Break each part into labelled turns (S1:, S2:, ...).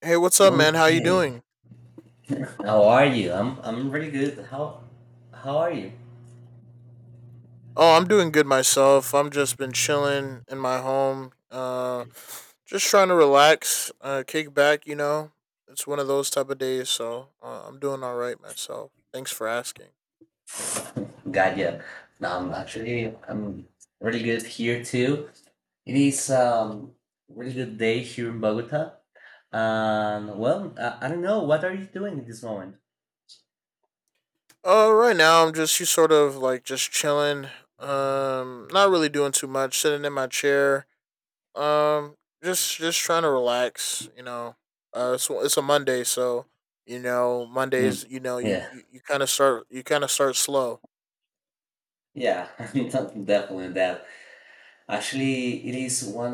S1: Hey, what's up, man? How you
S2: Okay.
S1: doing?
S2: How are you? I'm really good. How are you?
S1: Oh, I'm doing good myself. I'm just been chilling in my home, just trying to relax, kick back. You know, it's one of those type of days, so I'm doing all right myself. Thanks for asking.
S2: God, yeah. No, I'm actually I'm really good here too. It is really good day here in Bogota. And well, I don't know. What are you doing at this moment?
S1: Right now I'm just you sort of like just chilling. Not really doing too much. Sitting in my chair. Um, just trying to relax. You know, it's a Monday, so you know Mondays.
S2: Mm,
S1: You know, you
S2: yeah,
S1: you, you kind of start slow.
S2: yeah, definitely that. Actually, it is one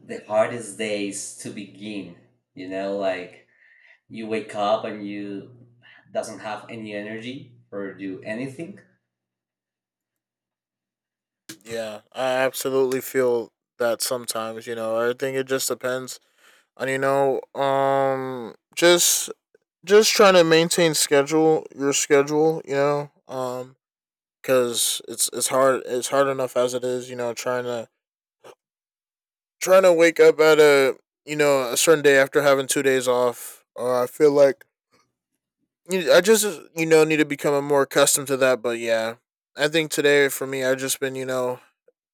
S2: of the hardest days to begin. You know, like you wake up and you doesn't have any energy or do anything.
S1: Yeah, I absolutely feel that sometimes. You know, I think it just depends on just trying to maintain schedule your schedule. You know, because it's hard enough as it is. You know, trying to wake up at a you know a certain day after having 2 days off. I feel like you I just you know need to become more accustomed to that. But yeah, I think today for me, I've just been you know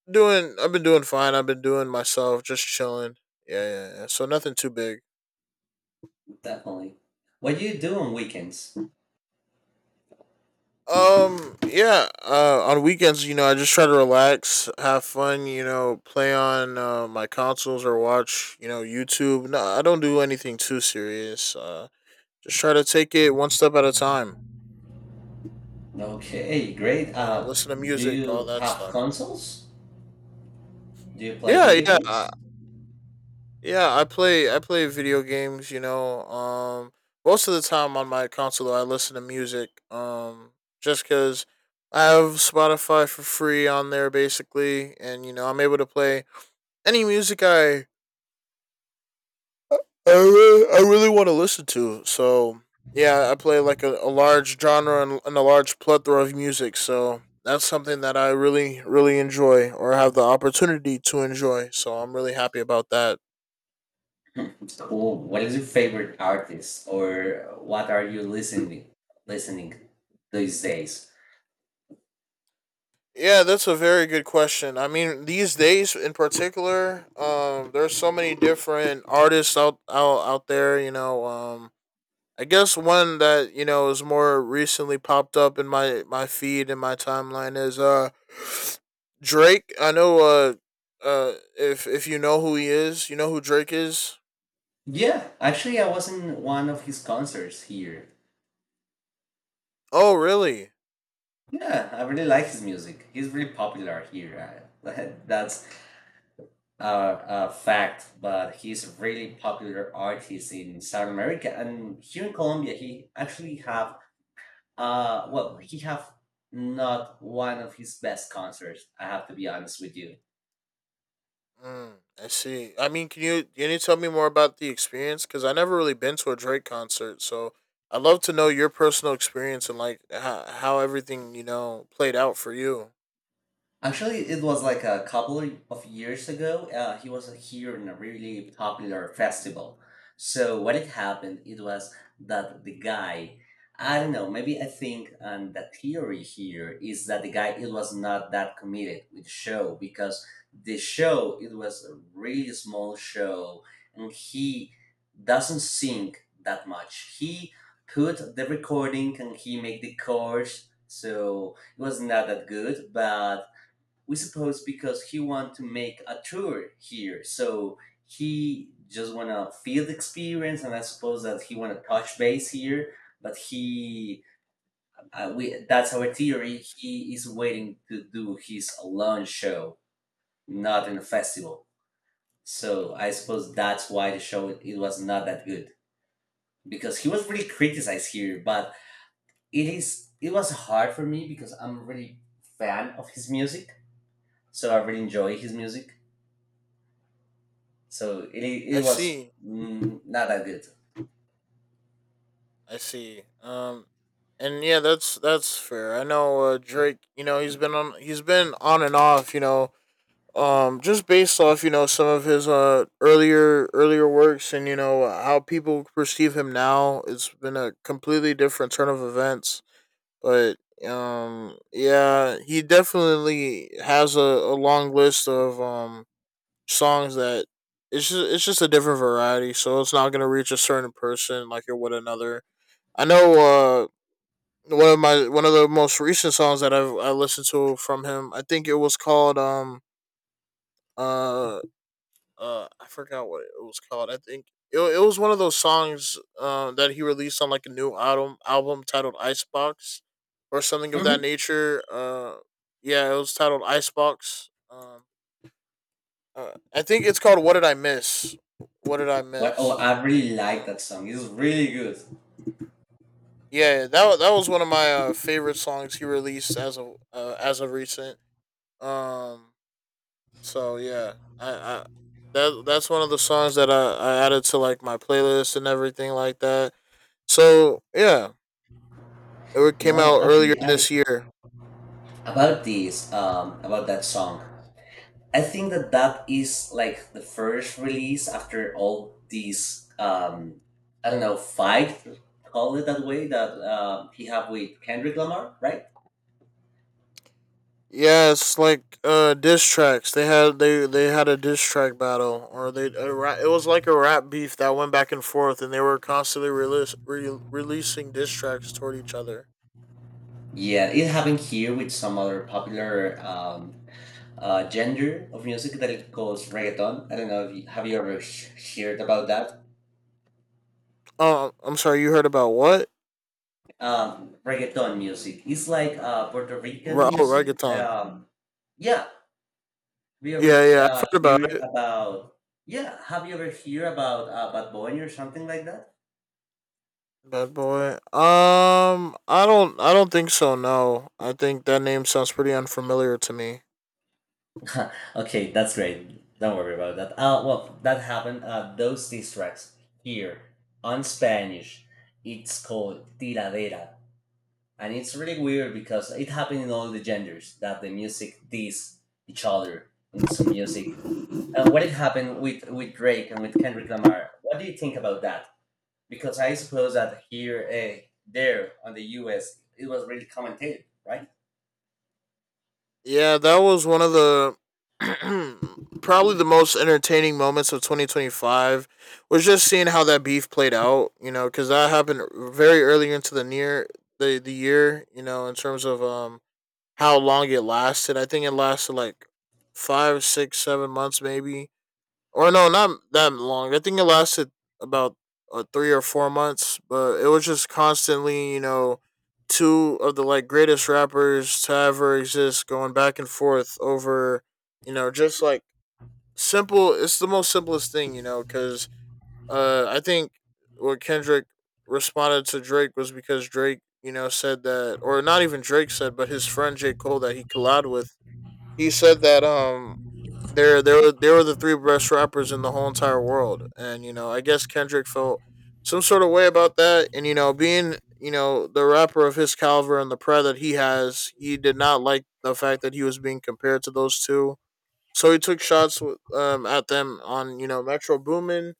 S1: doing. I've been doing fine. I've been doing myself, just chilling. Yeah, yeah, yeah. So nothing too big.
S2: Definitely. What do you do on weekends?
S1: Yeah. On weekends, you know, I just try to relax, have fun. You know, play on my consoles or watch you know YouTube. No, I don't do anything too serious. Just try to take it one step at a time.
S2: Okay, great.
S1: You know, listen to
S2: Do
S1: music, all
S2: you
S1: that
S2: have
S1: stuff.
S2: consoles? Do you play
S1: Yeah,
S2: video
S1: yeah, uh,
S2: games?
S1: yeah, I play video games. You know, most of the time on my console, I listen to music. Just because I have Spotify for free on there, basically, and you know, I'm able to play any music I really want to listen to. So yeah, I play like a large genre and a large plethora of music. So that's something that really enjoy or have the opportunity to enjoy. So I'm really happy about that.
S2: Cool. What is your favorite artist, or what are you listening listening these days?
S1: Yeah, that's a very good question. I mean, these days in particular, there's so many different artists out there. You know, I guess one that you know is more recently popped up in my feed and my timeline is Drake. I know if you know who he is, you know who Drake is.
S2: Yeah, actually I was in one of his concerts here.
S1: Oh really?
S2: Yeah, I really like his music. He's really popular here. That's fact, but he's a really popular artist in South America and here in Colombia. He actually have, well, he have not one of his best concerts. I have to be honest with you.
S1: Mm, I see. I mean, can you tell me more about the experience? Because I never really been to a Drake concert, so I'd love to know your personal experience and like how everything you know played out for you.
S2: Actually, it was like a couple of years ago. He was here in a really popular festival. So what it happened, it was that the guy, I don't know, maybe I think the theory here is that the guy it was not that committed with the show, because the show it was a really small show and he doesn't sing that much. He put the recording and he make the chords, so it was not that good. But we suppose, because he want to make a tour here, so he just want to feel the experience, and I suppose that he want to touch base here. But he we, that's our theory, he is waiting to do his alone show, not in a festival. So I suppose that's why the show it was not that good, because he was really criticized here. But it is, it was hard for me because I'm really fan of his music, so I really enjoy his music. So it
S1: I
S2: was,
S1: see.
S2: not that good.
S1: I see. And yeah, that's fair. I know Drake. You know he's been on and off. You know, just based off you know some of his earlier works and you know how people perceive him now. It's been a completely different turn of events. But yeah, he definitely has a long list of songs that it's just a different variety. So it's not gonna reach a certain person like it would another. I know one of the most recent songs that I listened to from him. I think it was called uh I forgot what it was called. I think it was one of those songs that he released on like a new album titled Icebox or something of
S2: Hmm.
S1: that nature. Yeah, it was titled Icebox. I think it's called What Did I Miss? What did I
S2: Well, oh,
S1: miss?
S2: I really like
S1: Uh,
S2: that song. It's really good.
S1: yeah, that that was one of my favorite songs he released as a as of recent. Um So yeah, I that that's one of the songs that I added to like my playlist and everything like that. So yeah, it came
S2: No,
S1: out earlier
S2: actually,
S1: this
S2: I
S1: year.
S2: about this about that song. I think that that is like the first release after all these, I don't know, fight, call it that way, that he have with Kendrick Lamar, right?
S1: Yeah, it's like diss tracks. They had a diss track battle, or it was like a rap beef that went back and forth, and they were constantly re- releasing diss tracks toward each other.
S2: Yeah, it happened here with some other popular gender of music that it goes reggaeton. I don't know if have you ever heard about that.
S1: Oh, I'm sorry. You heard about what?
S2: Reggaeton music. It's like Puerto Rican
S1: Re- oh,
S2: music.
S1: reggaeton.
S2: Yeah, have you
S1: Yeah,
S2: ever
S1: yeah, I've heard about
S2: hear
S1: it.
S2: about? Yeah, have you ever hear about Bad Bunny or something like that?
S1: Bad boy. I don't. I don't think so. No, I think that name sounds pretty unfamiliar to me.
S2: Okay, that's great. Don't worry about that. Well, that happened. Those diss tracks here on Spanish, it's called tiradera, and it's really weird because it happened in all the genders that the music diss each other in some music. What had happened with Drake and with Kendrick Lamar? What do you think about that? Because I suppose that there, on the U.S., it was really commented, right?
S1: Yeah, that was one of the probably the most entertaining moments of 2025 was just seeing how that beef played out. You know, because that happened very early into the year. You know, in terms of how long it lasted. I think it lasted like five, six, 7 months, maybe. Or no, not that long. I think it lasted about 3 or 4 months, but it was just constantly, you know, two of the like greatest rappers to ever exist going back and forth over, you know, just like simple. It's the most simplest thing, you know, because I think what Kendrick responded to Drake was because Drake, you know, said that, or not even Drake said, but his friend J Cole that he collabed with, he said that they were the three best rappers in the whole entire world, and you know I guess Kendrick felt some sort of way about that, and you know being you know the rapper of his caliber and the pride that he has, he did not like the fact that he was being compared to those two, so he took shots at them on you know Metro Boomin.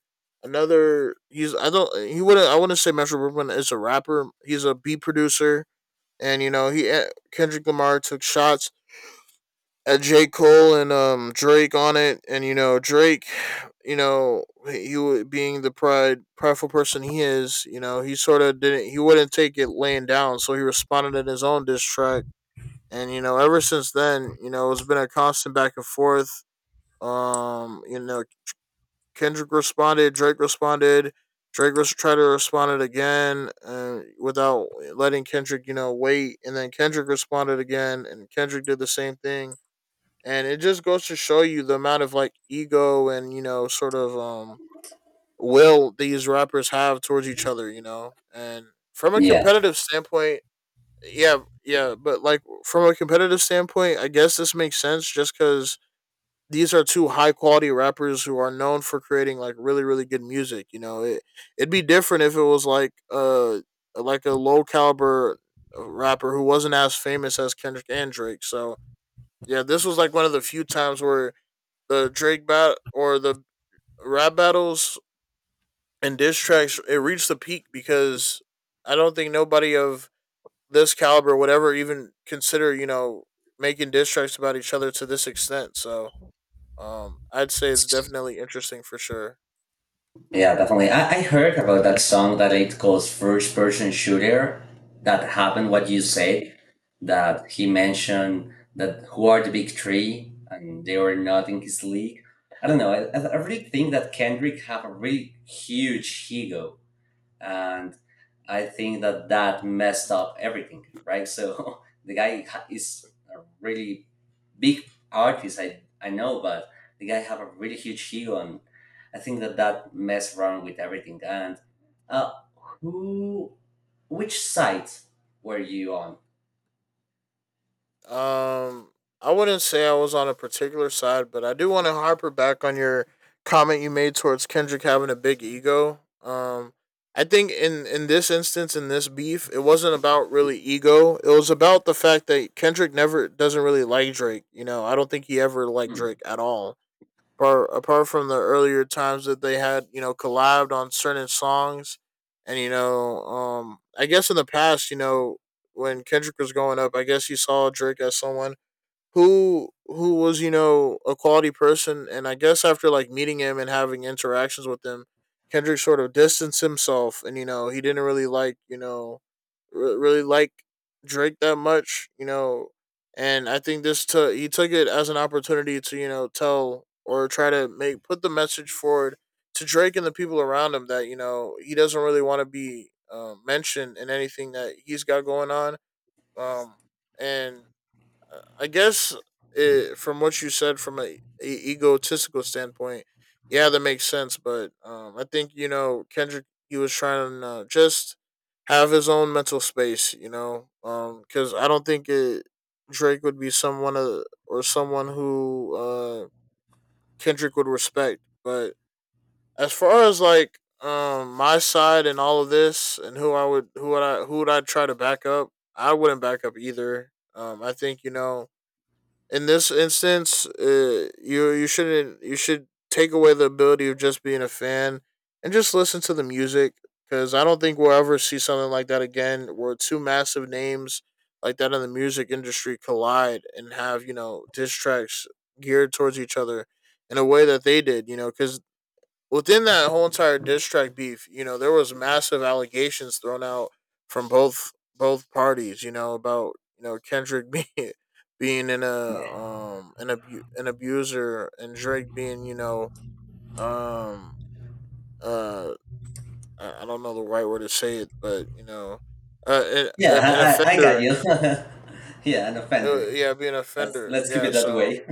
S1: Another, he's I don't he wouldn't I wouldn't say Metro Boomin is a rapper. He's a beat producer, and you know Kendrick Lamar took shots, had J. Cole and Drake on it, and you know Drake, you know he being the prideful person he is, you know he sort of didn't he wouldn't take it laying down, so he responded in his own diss track, and you know ever since then, you know it's been a constant back and forth. You know Kendrick responded. Drake was tried to respond it again without letting Kendrick, you know, wait, and then Kendrick responded again, and Kendrick did the same thing, and it just goes to show you the amount of like ego and you know sort of will these rappers have towards each other, you know, and from a
S2: Yeah,
S1: competitive standpoint. Yeah, but like from a competitive standpoint, I guess this makes sense just because these are two high quality rappers who are known for creating like really good music. You know, it it'd be different if it was like a low caliber rapper who wasn't as famous as Kendrick and Drake. So yeah, this was like one of the few times where the rap battles and diss tracks, it reached the peak because I don't think nobody of this caliber would ever even consider, you know, making diss tracks about each other to this extent. So I'd say it's definitely interesting for sure.
S2: yeah, definitely. I heard about that song that it calls First Person Shooter. That happened, what you said, that he mentioned that who are the big three and they were not in his league. I don't know. I really think that Kendrick have a really huge ego. And I think that that messed up everything, right? So the guy is a really big artist, I know, but the guy have a really huge ego, and I think that that messed around with everything. And uh, who, which side were you on?
S1: Um, I wouldn't say I was on a particular side, but I do want to harper back on your comment you made towards Kendrick having a big ego. I think in this instance, in this beef, it wasn't about really ego. It was about the fact that Kendrick never doesn't really like Drake. You know, I don't think he ever liked
S2: Hmm.
S1: Drake at all. But apart from the earlier times that they had, you know, collabed on certain songs, and you know, I guess in the past, you know, when Kendrick was going up, I guess he saw Drake as someone who was you know a quality person, and I guess after like meeting him and having interactions with him, Kendrick sort of distanced himself, and you know he didn't really like you know re- really like Drake that much, you know. And I think this took he took it as an opportunity to you know tell or try to make put the message forward to Drake and the people around him that you know he doesn't really want to be mentioned in anything that he's got going on. Um and I guess from what you said, from a egotistical standpoint, yeah, that makes sense. But I think you know Kendrick, he was trying to just have his own mental space, you know, because I don't think Drake would be someone or someone who Kendrick would respect. But as far as like my side and all of this and who would I try to back up, I wouldn't back up either. I think you know in this instance, you you shouldn't you should take away the ability of just being a fan and just listen to the music because I don't think we'll ever see something like that again where two massive names like that in the music industry collide and have, you know, diss tracks geared towards each other in a way that they did, you know, because within that whole entire diss track beef, you know, there was massive allegations thrown out from both parties, you know, about you know Kendrick being in a an abuser and Drake being, you know, um uh I don't know the right word to say it, but an
S2: Yeah,
S1: an an
S2: I got
S1: offender,
S2: you. Yeah, an offender.
S1: yeah, being an
S2: Let's
S1: offender,
S2: keep
S1: yeah.
S2: it that
S1: So
S2: way.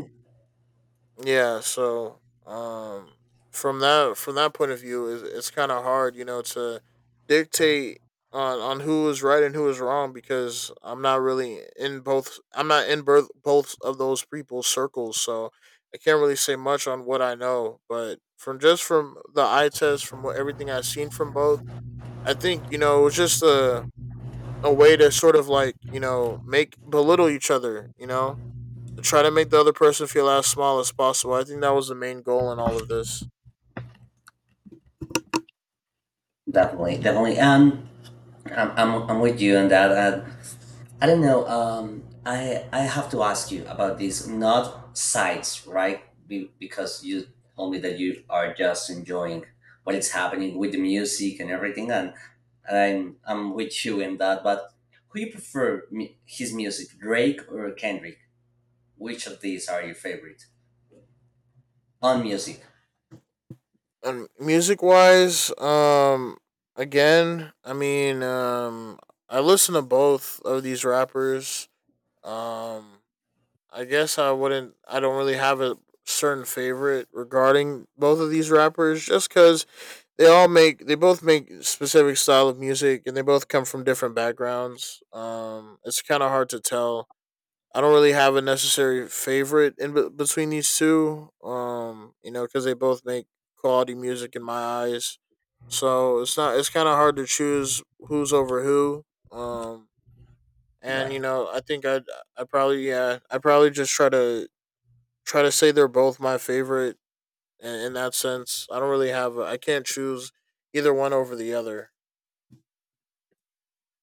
S1: yeah, so um from that point of view, is it's kind of hard, you know, to dictate on who is right and who is wrong because I'm not in both of those people's circles, so I can't really say much on what I know, but from just from the eye test from what everything I've seen from both, I think, you know, it was just a way to sort of like, you know, make belittle each other, you know, try to make the other person feel as small as possible. I think that was the main goal in all of this.
S2: Definitely, definitely. I'm with you on that. I don't know. I have to ask you about this, not sites, right? Because you told me that you are just enjoying what is happening with the music and everything, and I'm with you in that. But who you prefer his music, Drake or Kendrick? Which of these are your favorite on music,
S1: And music wise, again, I mean, I listen to both of these rappers. Um, I guess I wouldn't. I don't really have a certain favorite regarding both of these rappers, just because they both make specific style of music, and they both come from different backgrounds. It's kind of hard to tell. I don't really have a necessary favorite in be- between these two. You know, because they both make quality music in my eyes. So it's not. It's kind of hard to choose who's over who. Um, and you
S2: right?
S1: know, I think I probably yeah, I probably just try to say they're both my favorite in that sense. I don't really have. A, I can't choose either one over the other.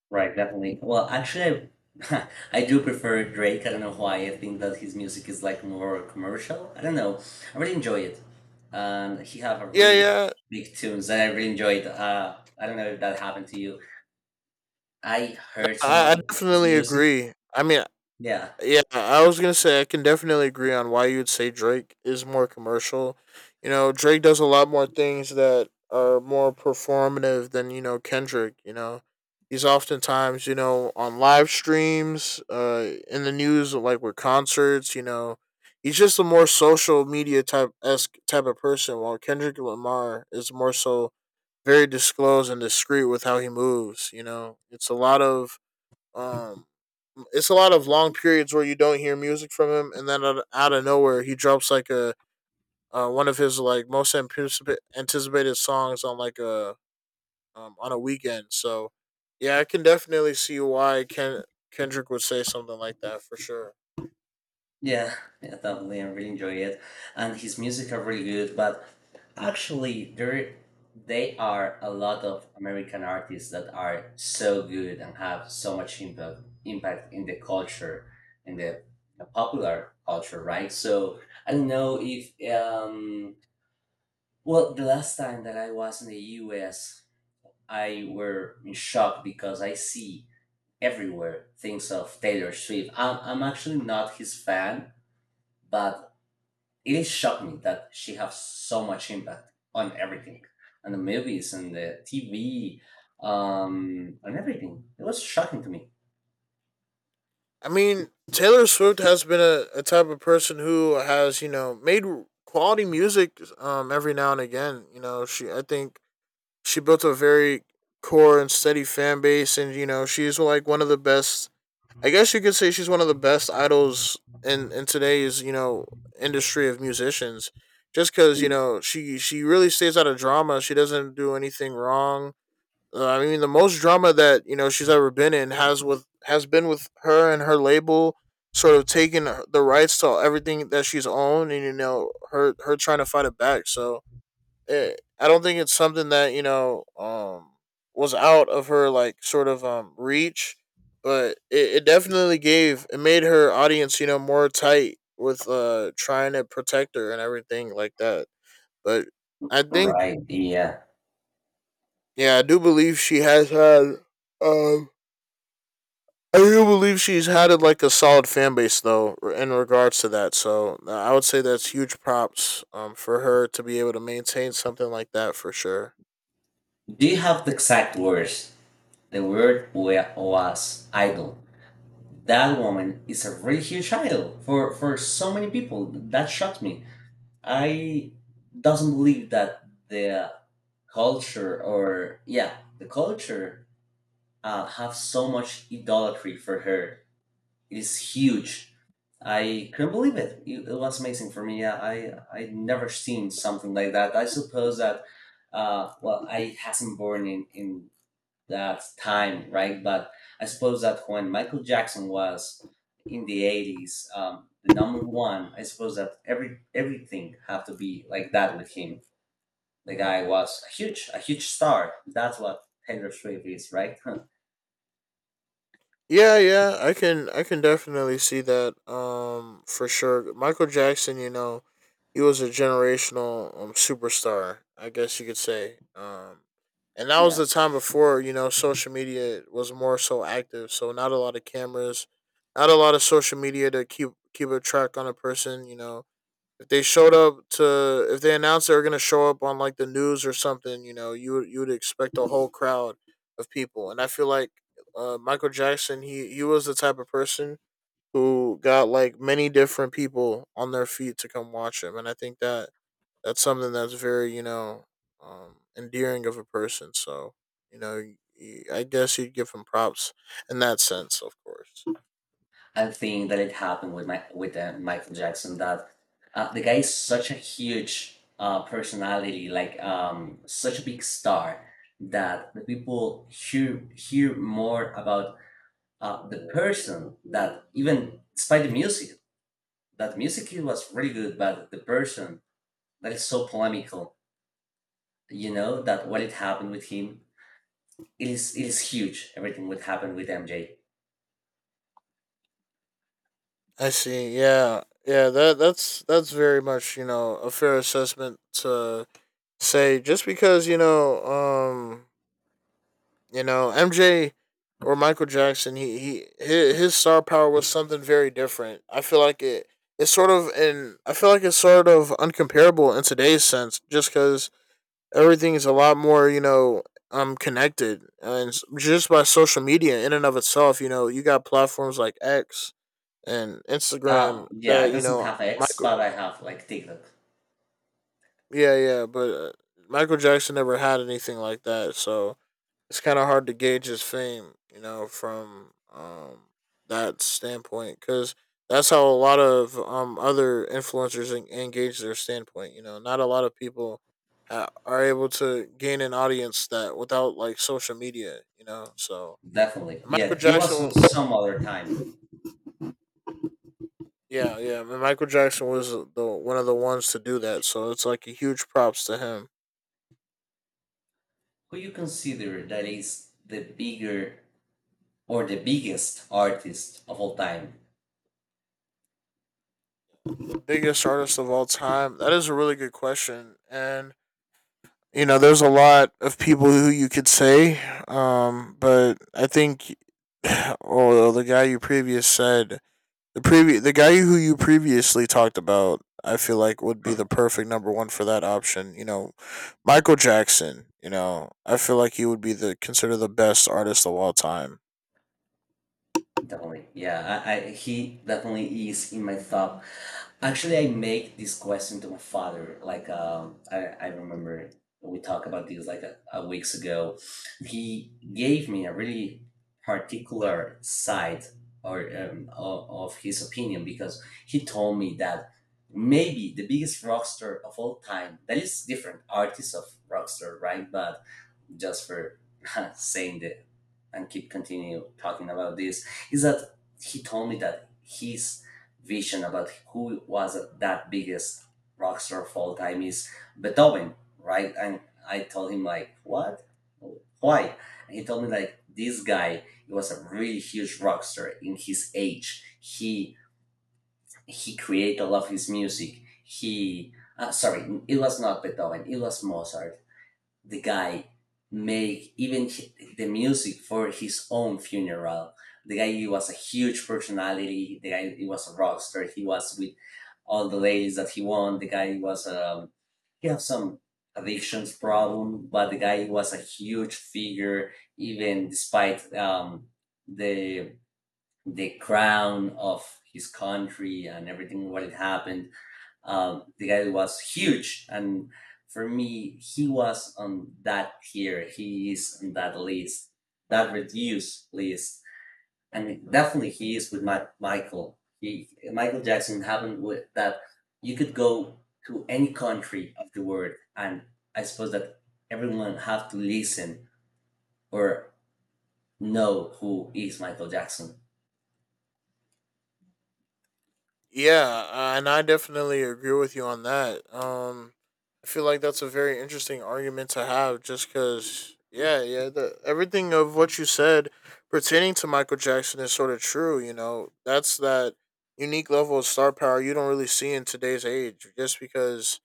S2: Right, definitely. Well, actually, I do prefer Drake. I don't know why. I think that his music is like more commercial. I don't know. I really enjoy it. He have a
S1: Yeah,
S2: really
S1: yeah.
S2: big tunes that I really enjoyed. I don't know if that happened to you. I heard some
S1: I
S2: of his
S1: definitely
S2: music.
S1: agree. I mean,
S2: Yeah.
S1: yeah, I was gonna say I can definitely agree on why you would say Drake is more commercial. You know, Drake does a lot more things that are more performative than you know Kendrick. You know, he's oftentimes, you know, on live streams, in the news like with concerts. You know, he's just a more social media type esque type of person, while Kendrick Lamar is more so very disclosed and discreet with how he moves. You know, it's a lot of um it's a lot of long periods where you don't hear music from him, and then out of nowhere he drops like a one of his like most anticipated songs on like a on a weekend. So yeah, I can definitely see why Kendrick would say something like that for sure.
S2: Yeah, yeah, definitely. I really enjoy it, and his music are really good. But actually, there they are a lot of American artists that are so good and have so much impact in the culture, in the popular culture, right? So I don't know if, well, the last time that I was in the U.S., I were in shock because I see everywhere things of Taylor Swift. I'm actually not his fan, but it is shocking that she has so much impact on everything, on the movies and the TV, and everything. It was shocking to me.
S1: I mean, Taylor Swift has been a type of person who has, you know, made quality music, every now and again. You know, she I think she built a very core and steady fan base, and you know she's like one of the best. I guess you could say she's one of the best idols in today's, you know, industry of musicians, just because you know she really stays out of drama. She doesn't do anything wrong. I mean, the most drama that you know she's ever been in has been with her and her label sort of taking the rights to everything that she's owned, and you know her trying to fight it back. So it, I don't think it's something that you know was out of her like sort of reach, but it definitely gave it made her audience, you know, more tight with trying to protect her and everything like that. But I think
S2: Right. Yeah.
S1: yeah, I do believe she has had um. I do believe she's had it like a solid fan base though in regards to that. So I would say that's huge props, for her to be able to maintain something like that for sure.
S2: Do you have the exact words? The word, was idol. That woman is a really huge idol for so many people that shocked me. I doesn't believe that the culture, or yeah, the culture have so much idolatry for her, is huge. I couldn't believe it. It was amazing for me. I never seen something like that. I suppose that, well, I hasn't born in that time, right? But I suppose that when Michael Jackson was in the 80s, the number one, I suppose that everything have to be like that with him. The guy was a huge star. That's what Taylor Swift is, right?
S1: Yeah, yeah, I can definitely see that for sure. Michael Jackson, you know, he was a generational superstar, I guess you could say. And that was
S2: Yeah.
S1: the time before, you know, social media was more so active, so not a lot of cameras, not a lot of social media to keep a track on a person, you know, if they showed up to if they announced they were gonna show up on like the news or something, you know, you would expect a whole crowd of people. And I feel like Michael Jackson, he was the type of person who got like many different people on their feet to come watch him, and I think that that's something that's very, you know, endearing of a person. So you know, I guess you'd give him props in that sense, of course.
S2: I think that it happened with Michael Jackson, that the guy is such a huge personality, like, such a big star, that the people hear more about the person that even despite the music, that music it was really good, but the person that is so polemical, you know, that what it happened with him, it is huge. Everything what happened with MJ.
S1: I see. Yeah, yeah. That's very much, you know, a fair assessment to say. Just because you know MJ or Michael Jackson, his star power was something very different. I feel like it. It's sort of, and I feel like it's sort of uncomparable in today's sense, just because everything is a lot more, you know, connected and just by social media in and of itself. You know, you got platforms like X and Instagram
S2: Yeah,
S1: that
S2: I
S1: you
S2: doesn't
S1: know
S2: have X, but I
S1: Michael.
S2: have like TikTok.
S1: Yeah, yeah, but Michael Jackson never had anything like that, so it's kind of hard to gauge his fame, you know, from that standpoint, because that's how a lot of other influencers engage their standpoint. You know, not a lot of people are able to gain an audience that without like social media, you know. So
S2: Definitely.
S1: Michael
S2: Yeah, it was
S1: Jackson
S2: on some other time.
S1: yeah, yeah, and Michael Jackson was the one of the ones to do that, so it's like a huge props to him.
S2: Who you consider that is the bigger, or the biggest artist of all time?
S1: Biggest artist of all time. That is a really good question, and you know, there's a lot of people who you could say, but I think, oh, well, the guy who you previously talked about, I feel like would be the perfect number one for that option. You know, Michael Jackson. You know, I feel like he would be the considered the best artist of all time.
S2: Definitely. Yeah, I he definitely is in my top. Actually, I make this question to my father. Like, I remember we talked about this like a weeks ago. He gave me a really particular side, or of his opinion, because he told me that maybe the biggest rock star of all time, that is different artists of rock star, right? But just for saying that and keep continue talking about this, is that he told me that his vision about who was that biggest rock star of all time is Beethoven, right? And I told him like, what? Why? And he told me like, this guy, he was a really huge rock star in his age. He created a lot of his music. He sorry, it was not Beethoven. It was Mozart. The guy make even the music for his own funeral. The guy, he was a huge personality. The guy, he was a rock star. He was with all the ladies that he won. The guy was, he had some addictions problem, but the guy was a huge figure, even despite the the crown of his country and everything what had happened. The guy was huge, and for me, he was on that tier. He is on that list, that reduced list, and definitely he is with Michael. Michael Jackson happened with that. You could go to any country of the world, and I suppose that everyone have to listen or know who is Michael Jackson.
S1: Yeah, and I definitely agree with you on that. I feel like that's a very interesting argument to have, just because, yeah, yeah, everything of what you said pertaining to Michael Jackson is sort of true. You know, that's that unique level of star power you don't really see in today's age, just because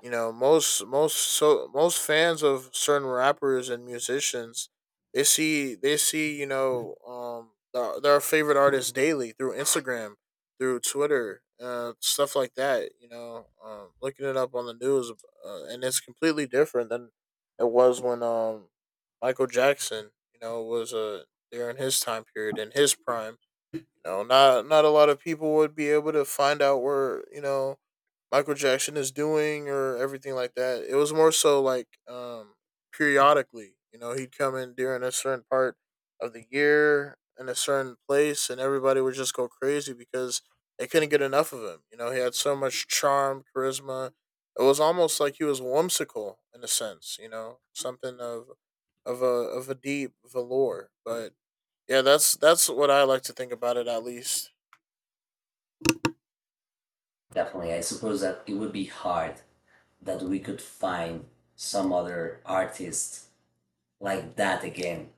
S1: you know, most fans of certain rappers and musicians, they see you know their favorite artists daily through Instagram, through Twitter, stuff like that. You know, looking it up on the news, and it's completely different than it was when Michael Jackson, you know, was there in his time period in his prime. You know, not a lot of people would be able to find out where you know Michael Jackson is doing or everything like that. It was more so like periodically, you know, he'd come in during a certain part of the year in a certain place and everybody would just go crazy because they couldn't get enough of him. You know, he had so much charm, charisma. It was almost like he was whimsical in a sense, you know, something of of a deep velour. But yeah, that's what I like to think about it at least.
S2: Definitely, I suppose that it would be hard that we could find some other artist like that again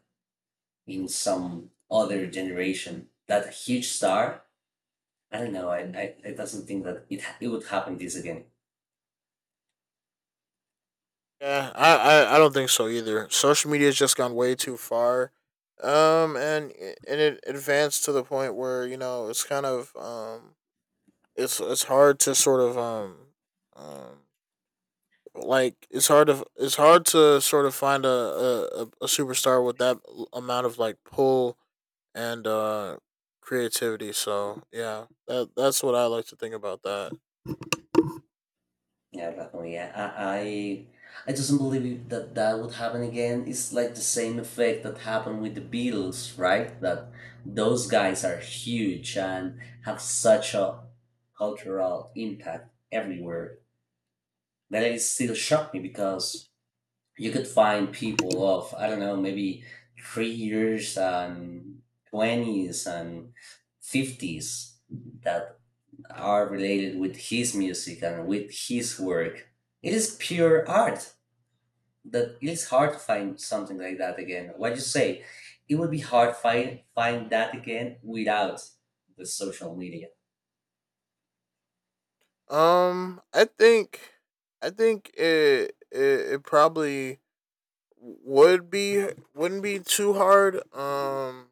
S2: in some other generation. That huge star, I don't know. I doesn't think that it it would happen this again.
S1: Yeah, I don't think so either. Social media has just gone way too far, um, and and it advanced to the point where you know it's kind of it's hard to sort of um, like it's hard to sort of find a a superstar with that amount of like pull and creativity. So yeah, that that's what I like to think about that.
S2: Yeah, definitely. Yeah, I, I I doesn't believe that that would happen again. It's like the same effect that happened with the Beatles, right? That those guys are huge and have such a cultural impact everywhere. That it still shocked me, because you could find people of, I don't know, maybe 3 years, and twenties, and fifties, that are related with his music and with his work. It is pure art. That it is hard to find something like that again. What you say? It would be hard find that again without the social media.
S1: Um, I think I think it probably would be wouldn't be too hard.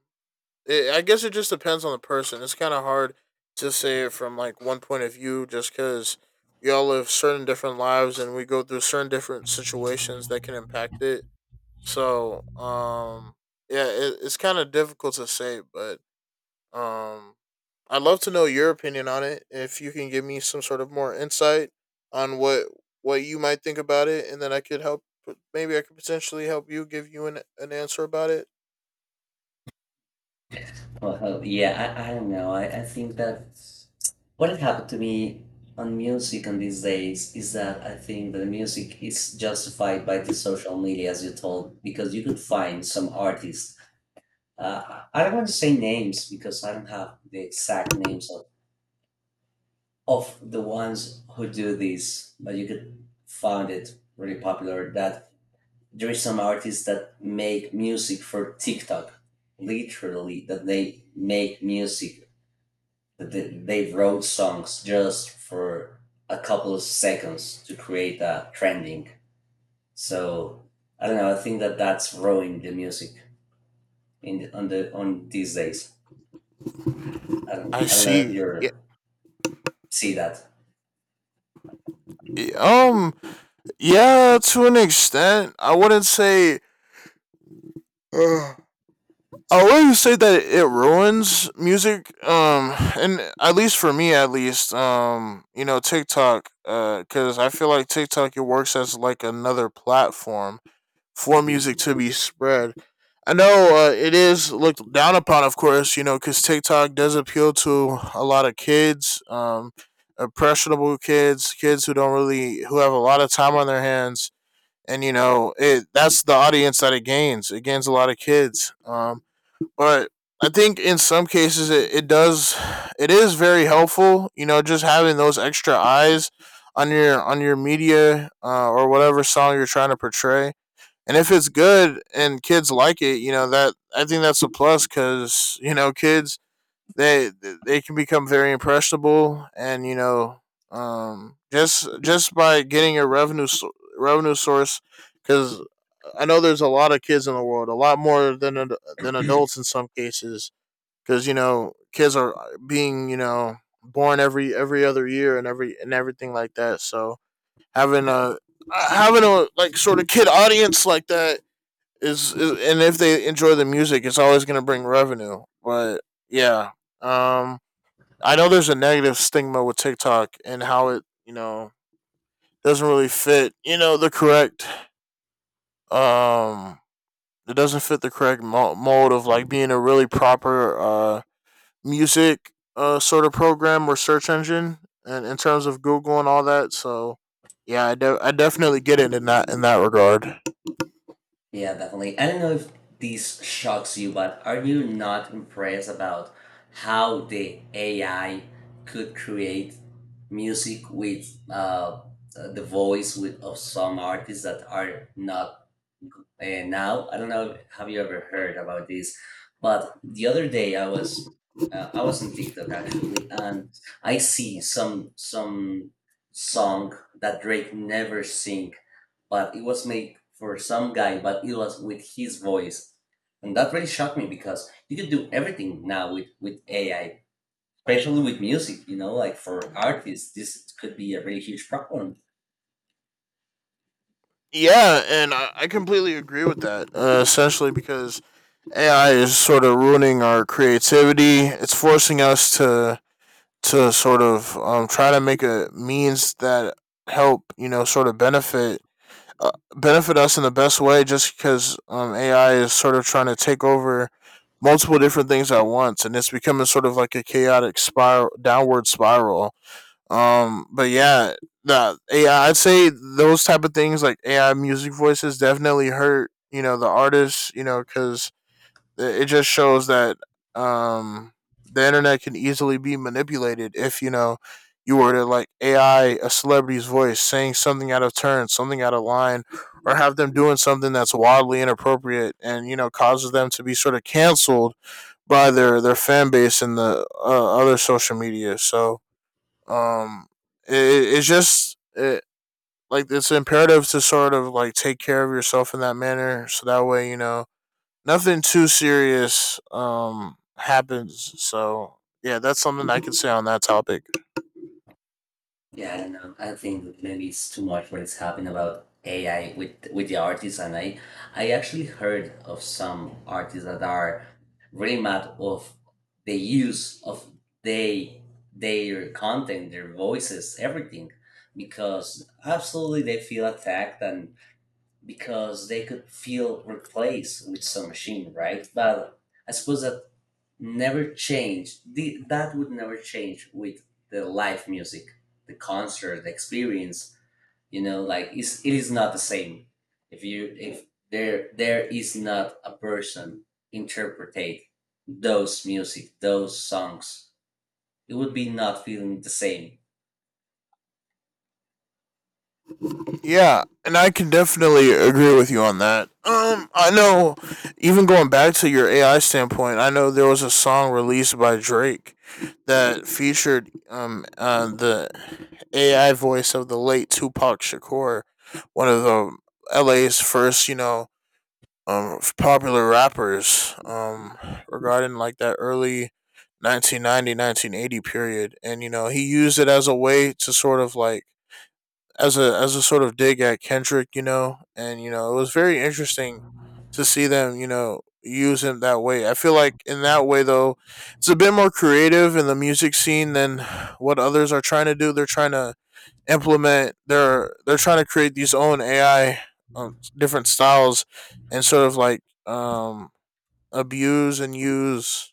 S1: It, I guess it just depends on the person. It's kind of hard to say it from like one point of view, just because we all live certain different lives and we go through certain different situations that can impact it. So, um, yeah, it's kind of difficult to say, but um, I'd love to know your opinion on it. If you can give me some sort of more insight on what you might think about it, and then I could help. Maybe I could potentially help you give you an answer about it.
S2: Well, yeah, I don't know. I think that what has happened to me on music on these days is that I think that the music is justified by the social media, as you told, because you could find some artists. I don't want to say names because I don't have the exact names of the ones who do this, but you could find it really popular that there is some artists that make music for TikTok, literally, that they make music they wrote songs just for a couple of seconds to create a trending. So I don't know. I think that that's ruining the music in on the on these days. I don't
S1: I
S2: I don't know if
S1: see. Yeah.
S2: you see that.
S1: yeah, Um. Yeah, to an extent, I wouldn't say. Uh, I wouldn't say that it ruins music. And at least for me, at least, you know, TikTok. Because I feel like TikTok it works as like another platform for music to be spread. I know, it is looked down upon, of course, you know, because TikTok does appeal to a lot of kids, impressionable kids, kids who don't really who have a lot of time on their hands, and you know, it that's the audience that it gains. It gains a lot of kids, but I think in some cases it does, it is very helpful. You know, just having those extra eyes on your media, or whatever song you're trying to portray. And if it's good and kids like it, you know that I think that's a plus, because you know kids they they can become very impressionable, and you know, just by getting a revenue source, because I know there's a lot of kids in the world, a lot more than adults in some cases, because you know kids are being, you know, born every other year, and everything like that. So having a having a like sort of kid audience like that is and if they enjoy the music, it's always going to bring revenue. But yeah, um, I know there's a negative stigma with TikTok and how it, you know, doesn't really fit, you know, the correct, um it doesn't fit the correct mold of like being a really proper music sort of program or search engine, and in terms of Google and all that. So yeah, I definitely get it in that regard.
S2: Yeah, definitely. I don't know if this shocks you, but are you not impressed about how the AI could create music with the voice of some artists that are not. And now I don't know, have you ever heard about this? But the other day I was on TikTok actually, and I see some song that Drake never sing, but it was made for some guy, but it was with his voice, and that really shocked me because you can do everything now with AI, especially with music. You know, like for artists, this could be a really huge problem.
S1: Yeah, and I completely agree with that. Essentially, because AI is sort of ruining our creativity. It's forcing us to sort of, try to make a means that help, you know, sort of benefit, benefit us in the best way. Just because, AI is sort of trying to take over multiple different things at once, and it's becoming sort of like a chaotic spiral, downward spiral. But yeah, that AI, I'd say those type of things like AI music voices definitely hurt. You know, the artists. You know, because it just shows that, um, the internet can easily be manipulated if, you know, you were to like AI a celebrity's voice saying something out of turn, something out of line, or have them doing something that's wildly inappropriate and, you know, causes them to be sort of canceled by their fan base and the, other social media. So, um, it's just like it's imperative to sort of like take care of yourself in that manner, so that way, you know, nothing too serious happens. So yeah, that's something I can say on that topic.
S2: Yeah, I don't know. I think maybe it's too much what is happening about AI with the artists, and I actually heard of some artists that are really mad of the use of they their content, their voices, everything, because absolutely they feel attacked and because they could feel replaced with some machine, right? But I suppose that never change. That would never change with the live music, the concert, the experience. You know, like it is not the same. If you if there is not a person interpretate those music, those songs, it would be not feeling the same.
S1: Yeah, and I can definitely agree with you on that. I know, even going back to your AI standpoint, I know there was a song released by Drake that featured the AI voice of the late Tupac Shakur, one of the LA's first, you know, popular rappers, regarding like that early 1990, 1980 period, and you know, he used it as a way to sort of like, as a sort of dig at Kendrick, you know. And, it was very interesting to see them, you know, use him that way. I feel like in that way though, it's a bit more creative in the music scene than what others are trying to do. They're trying to implement, they're trying to create these own AI, different styles, and sort of like, abuse and use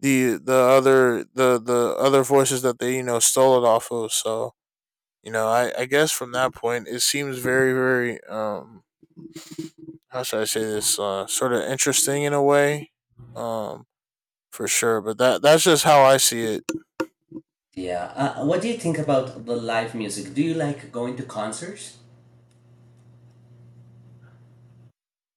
S1: the other voices that they, you know, stole it off of. So, you know, I guess from that point it seems very, very, how should I say this, sort of interesting in a way, um for sure. But that's just how I see it.
S2: Yeah. What do you think about the live music? Do you like going to concerts?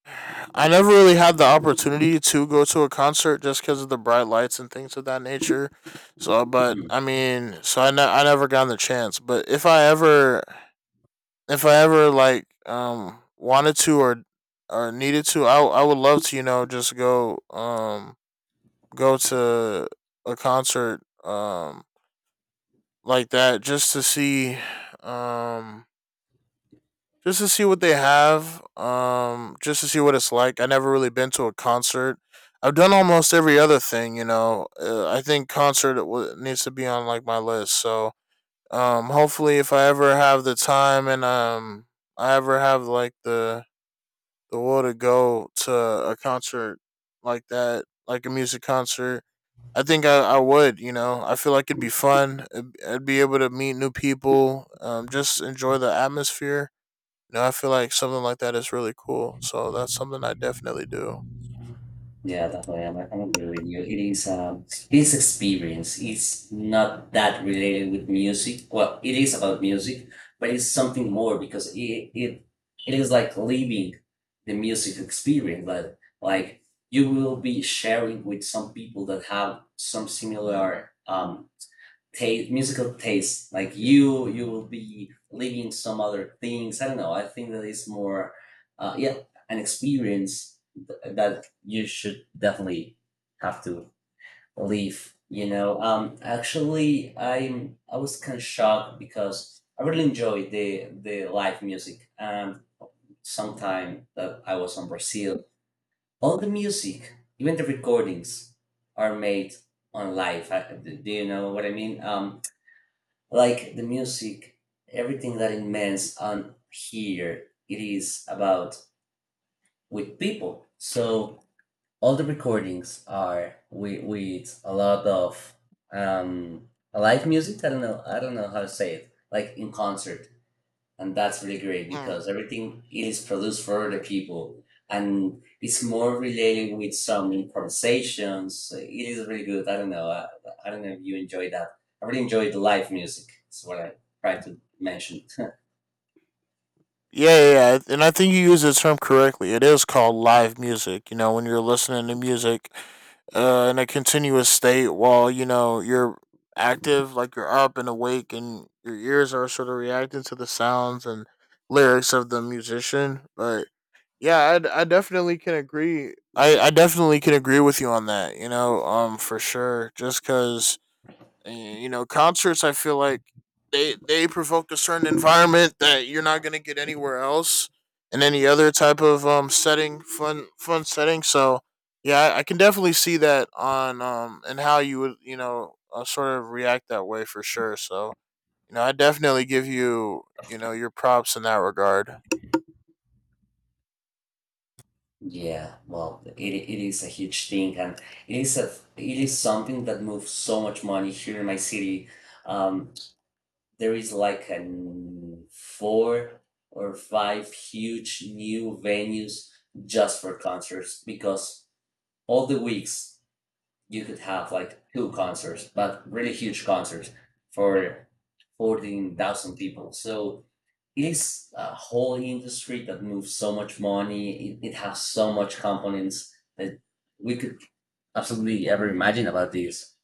S1: I never really had the opportunity to go to a concert just because of the bright lights and things of that nature. So, but I mean, so I never got the chance. But if I ever like, wanted to, or needed to, I would love to, you know, just go, go to a concert, like that, just to see, um just to see what they have, just to see what it's like. I never really been to a concert. I've done almost every other thing, you know. I think concert needs to be on like my list. So, hopefully if I ever have the time and, I ever have like the will to go to a concert like that, like a music concert, I think, I would, you know, I feel like it'd be fun. I'd be able to meet new people, just enjoy the atmosphere. You know, I feel like something like that is really cool. So that's something I definitely do.
S2: Yeah, definitely. I'm agree with you. It is this experience is not that related with music. Well, it is about music, but it's something more because it is like living the music experience. Like you will be sharing with some people that have some similar taste musical taste. Like you will be living some other things. I don't know. I think that is more yeah, an experience that you should definitely have to leave. You know, actually, I was kind of shocked because I really enjoyed the live music. And sometime that I was in Brazil, all the music, even the recordings, are made on live. I, do you know what I mean? Like the music, everything that it means on here, it is about with people. So all the recordings are with a lot of um live music. I don't know. I don't know how to say it, like in concert, and that's really great
S1: Mm.
S2: because everything is produced for the people, and it's more related with some improvisations. It is really good. I don't know. I don't know if you enjoy that. I really enjoy the live music. That's what I tried to mention.
S1: Yeah, yeah, yeah, and I think you use the term correctly. It is called live music. You know, when you're listening to music, in a continuous state while, you know, you're active, like you're up and awake, and your ears are sort of reacting to the sounds and lyrics of the musician. But yeah, I definitely can agree. I definitely can agree with you on that. You know, for sure. Just because. And you know, concerts, I feel like they provoke a certain environment that you're not gonna get anywhere else in any other type of, setting, fun setting. So yeah, I can definitely see that on, and how you would, you know, sort of react that way for sure. So, you know, I definitely give you, you know, your props in that regard.
S2: Yeah, well, it is a huge thing, and it is a it is something that moves so much money here in my city. Um, there is like an four or five huge new venues just for concerts because all the weeks you could have like two concerts, but really huge concerts for 14,000 people. So is a whole industry that moves so much money. It has so much components that we could absolutely ever imagine about this.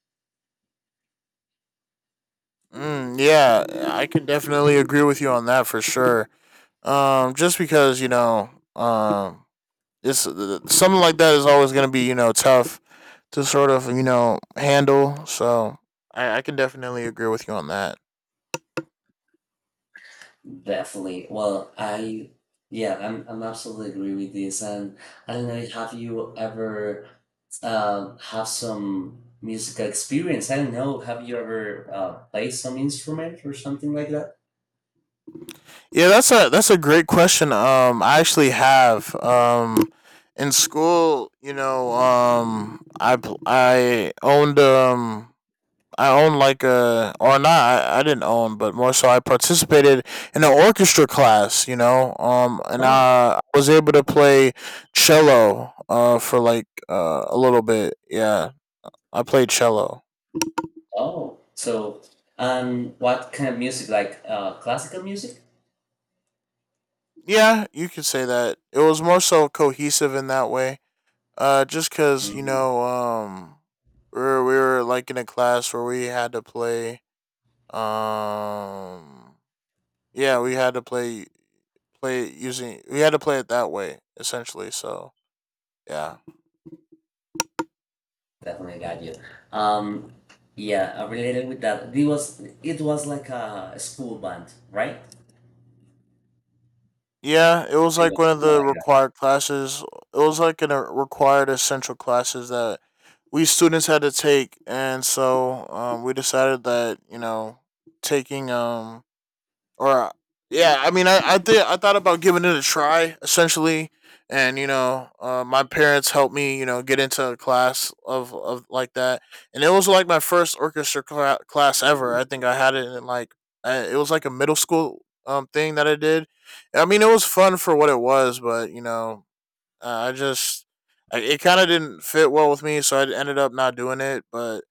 S1: Mm, yeah, I can definitely agree with you on that for sure. Just because, you know, it's, something like that is always going to be, you know, tough to sort of, you know, handle. So I can definitely agree with you on that.
S2: Definitely. Well, I yeah, I'm absolutely agree with this. And I don't know, have you ever have some musical experience? I don't know. Have you ever played some instrument or something like that?
S1: Yeah, that's a great question. I actually have, in school, you know, I owned, I own like a, or not, I didn't own, but more so I participated in an orchestra class, you know, and
S2: No.
S1: I was able to play cello, for like, a little bit. Yeah, I played cello.
S2: Oh, so what kind of music? Like classical music?
S1: Yeah, you could say that it was more so cohesive in that way, just cuz, you
S2: Mm,
S1: know, we were like in a class where we had to play, um yeah, we had to play, play it using we had to play it that way essentially. So yeah.
S2: definitely got you. Um, yeah, related with that, it was like a school band, right?
S1: Yeah, it was
S2: It
S1: like one
S2: was
S1: of
S2: more
S1: the
S2: like.
S1: required classes. It was like a required essential classes that we students had to take, and so, we decided that, you know, taking or yeah, I mean, I thought about giving it a try essentially, and you know, my parents helped me, you know, get into a class of like that, and it was like my first orchestra class ever. I think I had it in like, it was like a middle school, thing that I did. I mean, it was fun for what it was, but you know, uh, I just it kind of didn't fit well with me, so I ended up not doing it, but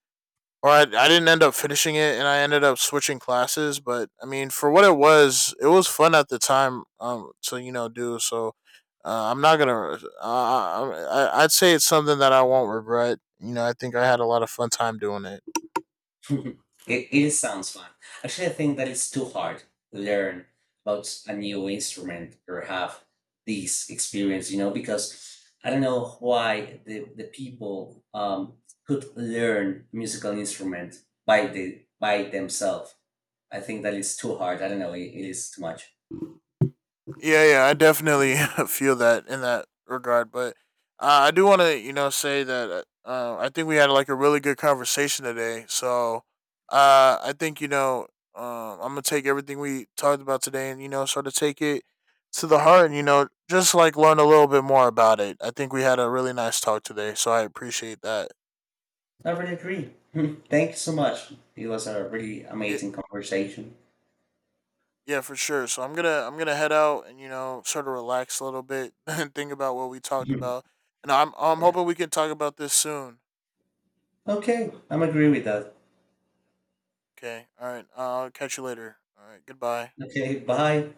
S1: or I didn't end up finishing it, and I ended up switching classes. But I mean, for what it was fun at the time, to, you know, do. So, I'm not going to, I'd say it's something that I won't regret. You know, I think I had a lot of fun time doing it.
S2: It sounds fun. Actually, I think that it's too hard to learn about a new instrument or have this experience, you know, because I don't know why the people could learn musical instrument by the by themselves. I think that it's too hard. I don't know. It is too much.
S1: Yeah, yeah, I definitely feel that in that regard. But, I do want to, you know, say that, I think we had like a really good conversation today. So, I think, you know, um, I'm gonna take everything we talked about today and, you know, sort of take it to the heart, and, you know, just like learn a little bit more about it. I think we had a really nice talk today, so I appreciate that.
S2: I really agree. Thank you so much. It was a really
S1: Yeah.
S2: amazing conversation.
S1: Yeah, for sure. So I'm gonna head out and, you know, sort of relax a little bit and think about what we talked
S2: Mhm.
S1: about. And I'm
S2: Yeah.
S1: hoping we can talk about this soon.
S2: Okay, I'm agree with that.
S1: Okay. All right. I'll catch you later. All right. Goodbye.
S2: Okay, bye.